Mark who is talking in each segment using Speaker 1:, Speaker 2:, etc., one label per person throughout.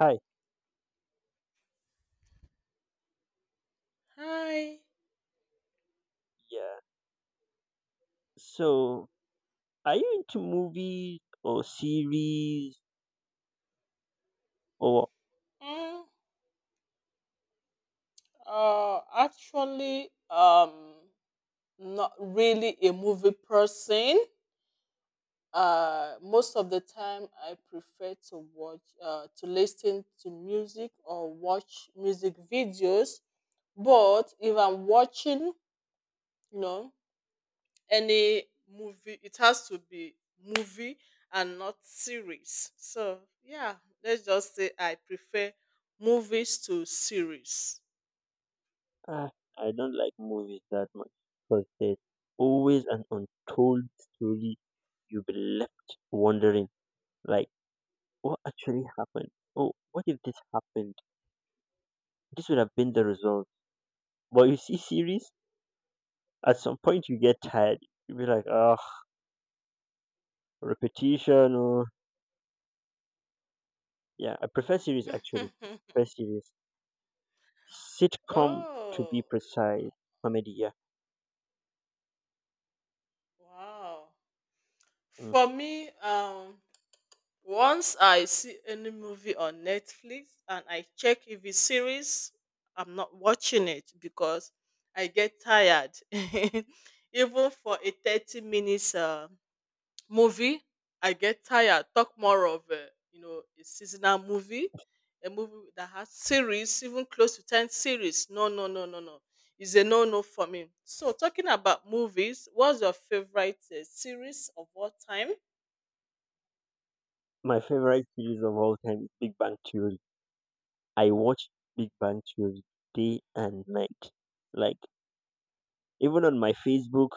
Speaker 1: Hi.
Speaker 2: Hi.
Speaker 1: Yeah. So, are you into movies or series or
Speaker 2: Mm, uh, actually, um, not really a movie person. Most of the time, I prefer to watch, to listen to music or watch music videos. But if I'm watching, you know, any movie, it has to be movie and not series. So yeah, let's just say I prefer movies to series.
Speaker 1: uh, I don't like movies that much because there's always an untold story you'll be left wondering like what actually happened? Oh, what if this happened? This would have been the result. But you see series, at some point you get tired. You'll be like, oh, repetition or yeah, I prefer series actually. I prefer series. Sitcom to be
Speaker 2: Oh,
Speaker 1: precise. Comedy, yeah.
Speaker 2: wow. For me, once I see any movie on Netflix and I check if it's series, I'm not watching it because I get tired. Even for a 30 minutes movie, I get tired. Talk more of a seasonal movie, a movie that has series, even close to ten series. No, no, no, no, no. It's a no, no for me. So talking about movies, what's your favorite series of all time?
Speaker 1: My favorite series of all time is Big Bang Theory. I watch Big Bang Theory day and night. Like even on my Facebook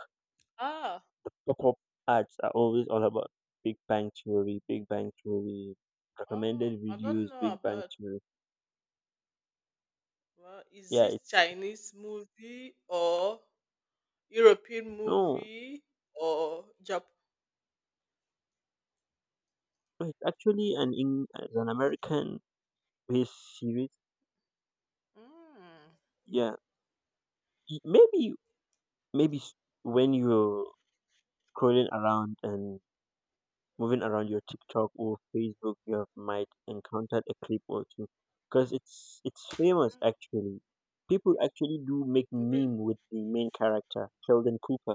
Speaker 2: Ah,
Speaker 1: pop-up ads are always all about Big Bang Theory, Big Bang Theory, recommended
Speaker 2: I don't
Speaker 1: videos,
Speaker 2: know
Speaker 1: Big Bang
Speaker 2: about.
Speaker 1: Theory.
Speaker 2: Well, is
Speaker 1: Yeah,
Speaker 2: it
Speaker 1: it's
Speaker 2: Chinese movie or European
Speaker 1: no,
Speaker 2: movie or Japan?
Speaker 1: it's actually an in it's an American based series.
Speaker 2: Mm,
Speaker 1: Yeah, maybe maybe when you're scrolling around and moving around your TikTok or Facebook, you have might encounter a clip or two because it's famous actually. People actually do make
Speaker 2: mm,
Speaker 1: meme with the main character, Sheldon Cooper.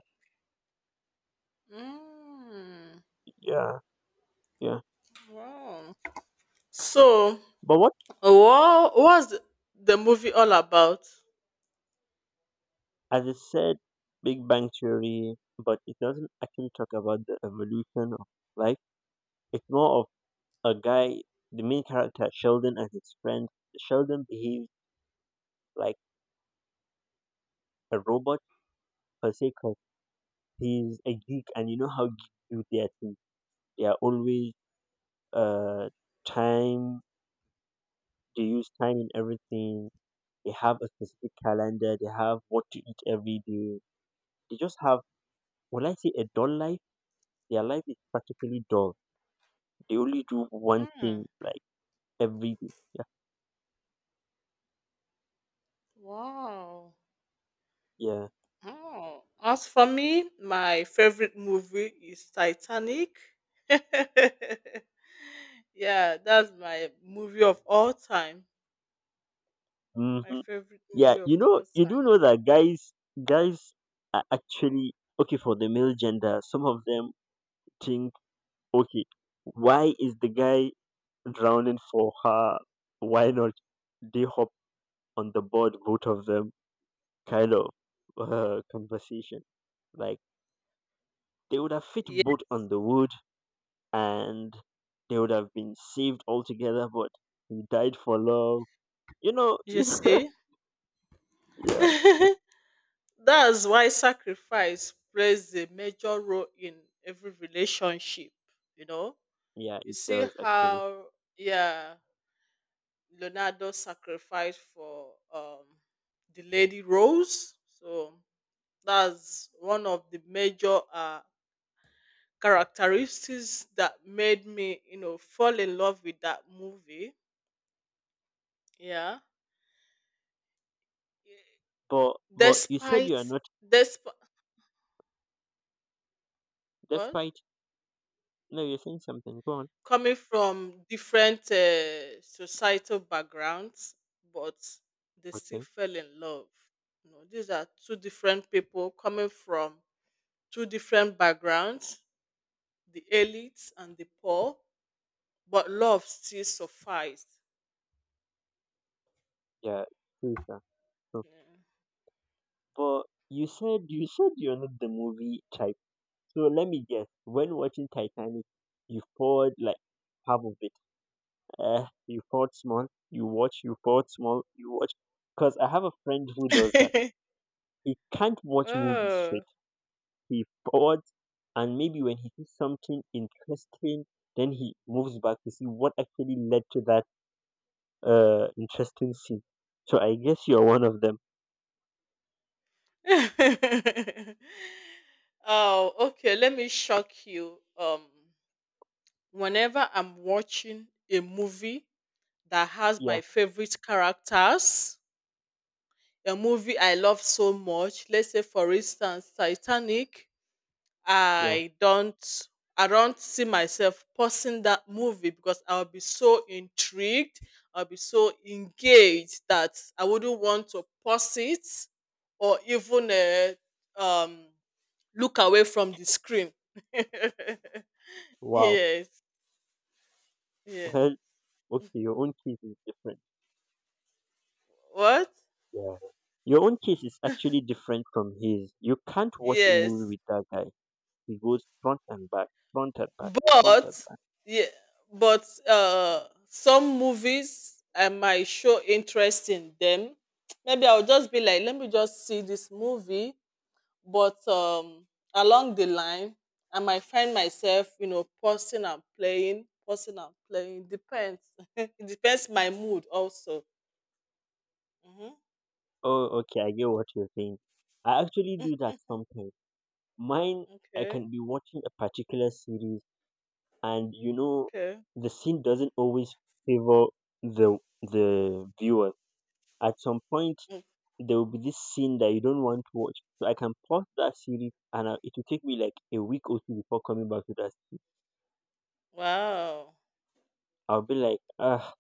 Speaker 2: mm, mm,
Speaker 1: Yeah, yeah.
Speaker 2: wow. So,
Speaker 1: But what,
Speaker 2: what was the movie all about?
Speaker 1: as I said, Big Bang Theory, but it doesn't actually talk about the evolution of life. It's more of a guy, the main character, Sheldon, and his friend. Sheldon behaves like a robot per se because he's a geek, and you know how geeks do their thing. They are always uh, time. They use time in everything. They have a specific calendar. They have what to eat every day. They just have, well, I say a dull life. Their life is practically dull. They only do one
Speaker 2: Hmm.
Speaker 1: thing like every day. Yeah,
Speaker 2: Wow.
Speaker 1: yeah,
Speaker 2: Oh. As for me, my favorite movie is Titanic. Yeah, that's my movie of all time.
Speaker 1: hmm,
Speaker 2: My favorite
Speaker 1: yeah.
Speaker 2: movie of
Speaker 1: You know,
Speaker 2: all
Speaker 1: you do
Speaker 2: time.
Speaker 1: know that guys are actually okay for the male gender. Some of them think, okay, why is the guy drowning for her? Why not? They on the board, both of them, kind of conversation. Like they would have fit
Speaker 2: Yeah,
Speaker 1: both on the wood and they would have been saved altogether, but he died for love. You know,
Speaker 2: you
Speaker 1: you know,
Speaker 2: see?
Speaker 1: yeah,
Speaker 2: That's why sacrifice plays a major role in every relationship. You know?
Speaker 1: yeah,
Speaker 2: You
Speaker 1: it
Speaker 2: see
Speaker 1: does actually.
Speaker 2: how, yeah. Leonardo sacrificed for the Lady Rose. So that's one of the major characteristics that made me, you know, fall in love with that movie. Yeah,
Speaker 1: But you said you
Speaker 2: despite
Speaker 1: are not
Speaker 2: despite what,
Speaker 1: despite no, you're saying something. Go on.
Speaker 2: coming from different societal backgrounds, but they still
Speaker 1: Okay.
Speaker 2: fell in love. You know, these are two different people coming from two different backgrounds, the elites and the poor, but love still sufficed.
Speaker 1: Yeah, true, sir. True. But you said you're not the movie type. So let me guess, when watching Titanic, you poured like half of it. Eh, you poured small, you watch, you poured small, you watch. Because I have a friend who does that.
Speaker 2: Yeah.
Speaker 1: He can't watch movies
Speaker 2: Oh.
Speaker 1: straight. He paused, and maybe when he sees something interesting, then he moves back to see what actually led to that interesting scene. So I guess you're one of them.
Speaker 2: Oh, okay. Let me shock you. Whenever I'm watching a movie that has
Speaker 1: Yeah,
Speaker 2: my favorite characters, a movie I love so much, let's say for instance Titanic,
Speaker 1: yeah.
Speaker 2: I don't I don't see myself pausing that movie because I'll be so intrigued, I'll be so engaged that I wouldn't want to pause it or even um look away from the screen.
Speaker 1: Wow.
Speaker 2: Yes, yes.
Speaker 1: Well, okay, your own case is different.
Speaker 2: What?
Speaker 1: Yeah. Your own case is actually different from his. You can't watch a movie
Speaker 2: Yes.
Speaker 1: with that guy. It goes front and back, front and back, front
Speaker 2: But
Speaker 1: and back.
Speaker 2: yeah, but some movies I might show interest in them. Maybe I'll just be like, let me just see this movie, but along the line I might find myself, you know, pausing and playing, depends. It depends my mood also. Hmm.
Speaker 1: Oh, okay, I get what you're saying. I actually do that sometimes. Mine, I
Speaker 2: Okay.
Speaker 1: can be watching a particular series, and you know,
Speaker 2: Okay.
Speaker 1: the scene doesn't always favor the the viewer. At some point,
Speaker 2: Mm.
Speaker 1: there will be this scene that you don't want to watch. So I can pause that series, and I, it will take me like a week or two before coming back to that scene.
Speaker 2: Wow.
Speaker 1: I'll be like, ah,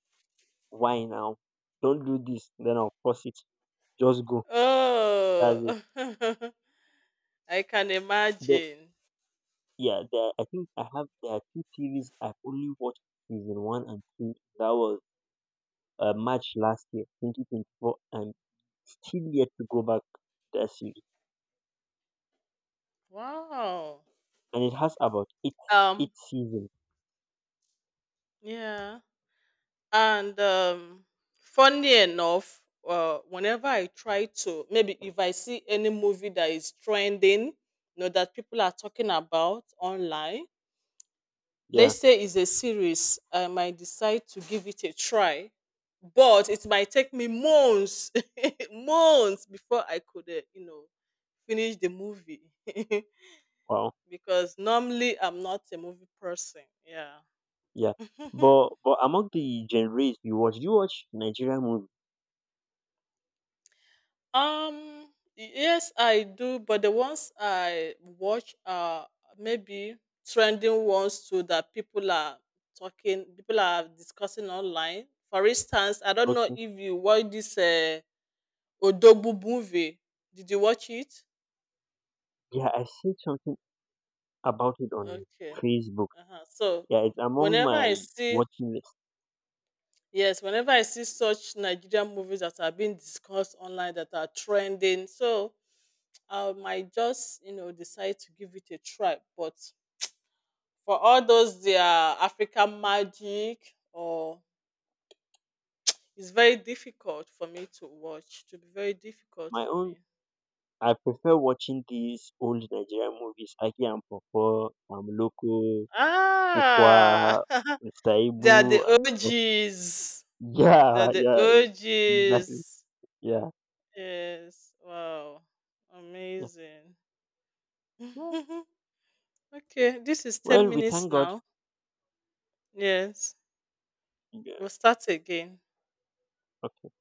Speaker 1: why now? Don't do this. Then I'll pause it. Just go. That's it.
Speaker 2: Oh. I can
Speaker 1: Then
Speaker 2: imagine.
Speaker 1: yeah, there, I think I have there are two series I've only watched season one and two. That was March last year, 2024, and still yet to go back to that series.
Speaker 2: Wow.
Speaker 1: And it has about
Speaker 2: um
Speaker 1: eight seasons.
Speaker 2: yeah. And funny enough, whenever I try to, maybe if I see any movie that is trending, you know, that people are talking about online,
Speaker 1: Yeah,
Speaker 2: let's say it's a series, I might decide to give it a try. But it might take me months, months before I could, you know, finish the movie.
Speaker 1: wow,
Speaker 2: Because normally I'm not a movie person. Yeah.
Speaker 1: yeah. But among the genres you watch, do you watch Nigerian movies?
Speaker 2: Um, yes, I do, but the ones I watch are maybe trending ones too that people are talking, people are discussing online. For instance, I don't know
Speaker 1: Okay,
Speaker 2: if you watch this Odogwu movie. Did you watch it?
Speaker 1: yeah, I see something about it on
Speaker 2: Okay.
Speaker 1: Facebook.
Speaker 2: Uh-huh. So,
Speaker 1: Yeah, it's among
Speaker 2: whenever I
Speaker 1: my
Speaker 2: see,
Speaker 1: watching list.
Speaker 2: yes, whenever I see such Nigerian movies that are being discussed online that are trending, so I might just, you know, decide to give it a try. But for all those their African magic or it's very difficult for me to watch. To be very difficult
Speaker 1: My
Speaker 2: for
Speaker 1: own,
Speaker 2: me.
Speaker 1: I prefer watching these old Nigerian movies, Aki and Pawpaw, Amloko,
Speaker 2: Ah,
Speaker 1: Ukwa, Mr.
Speaker 2: they are the
Speaker 1: Ibu, and stuff.
Speaker 2: OGs. They are
Speaker 1: Yeah,
Speaker 2: the
Speaker 1: yeah, yeah, exactly.
Speaker 2: OGs.
Speaker 1: Yeah,
Speaker 2: Yes. Wow.
Speaker 1: yeah,
Speaker 2: Amazing.
Speaker 1: yeah.
Speaker 2: Okay, this is ten
Speaker 1: Well, we
Speaker 2: minutes
Speaker 1: thank God.
Speaker 2: now. Yes,
Speaker 1: Yeah.
Speaker 2: we'll start again.
Speaker 1: Okay.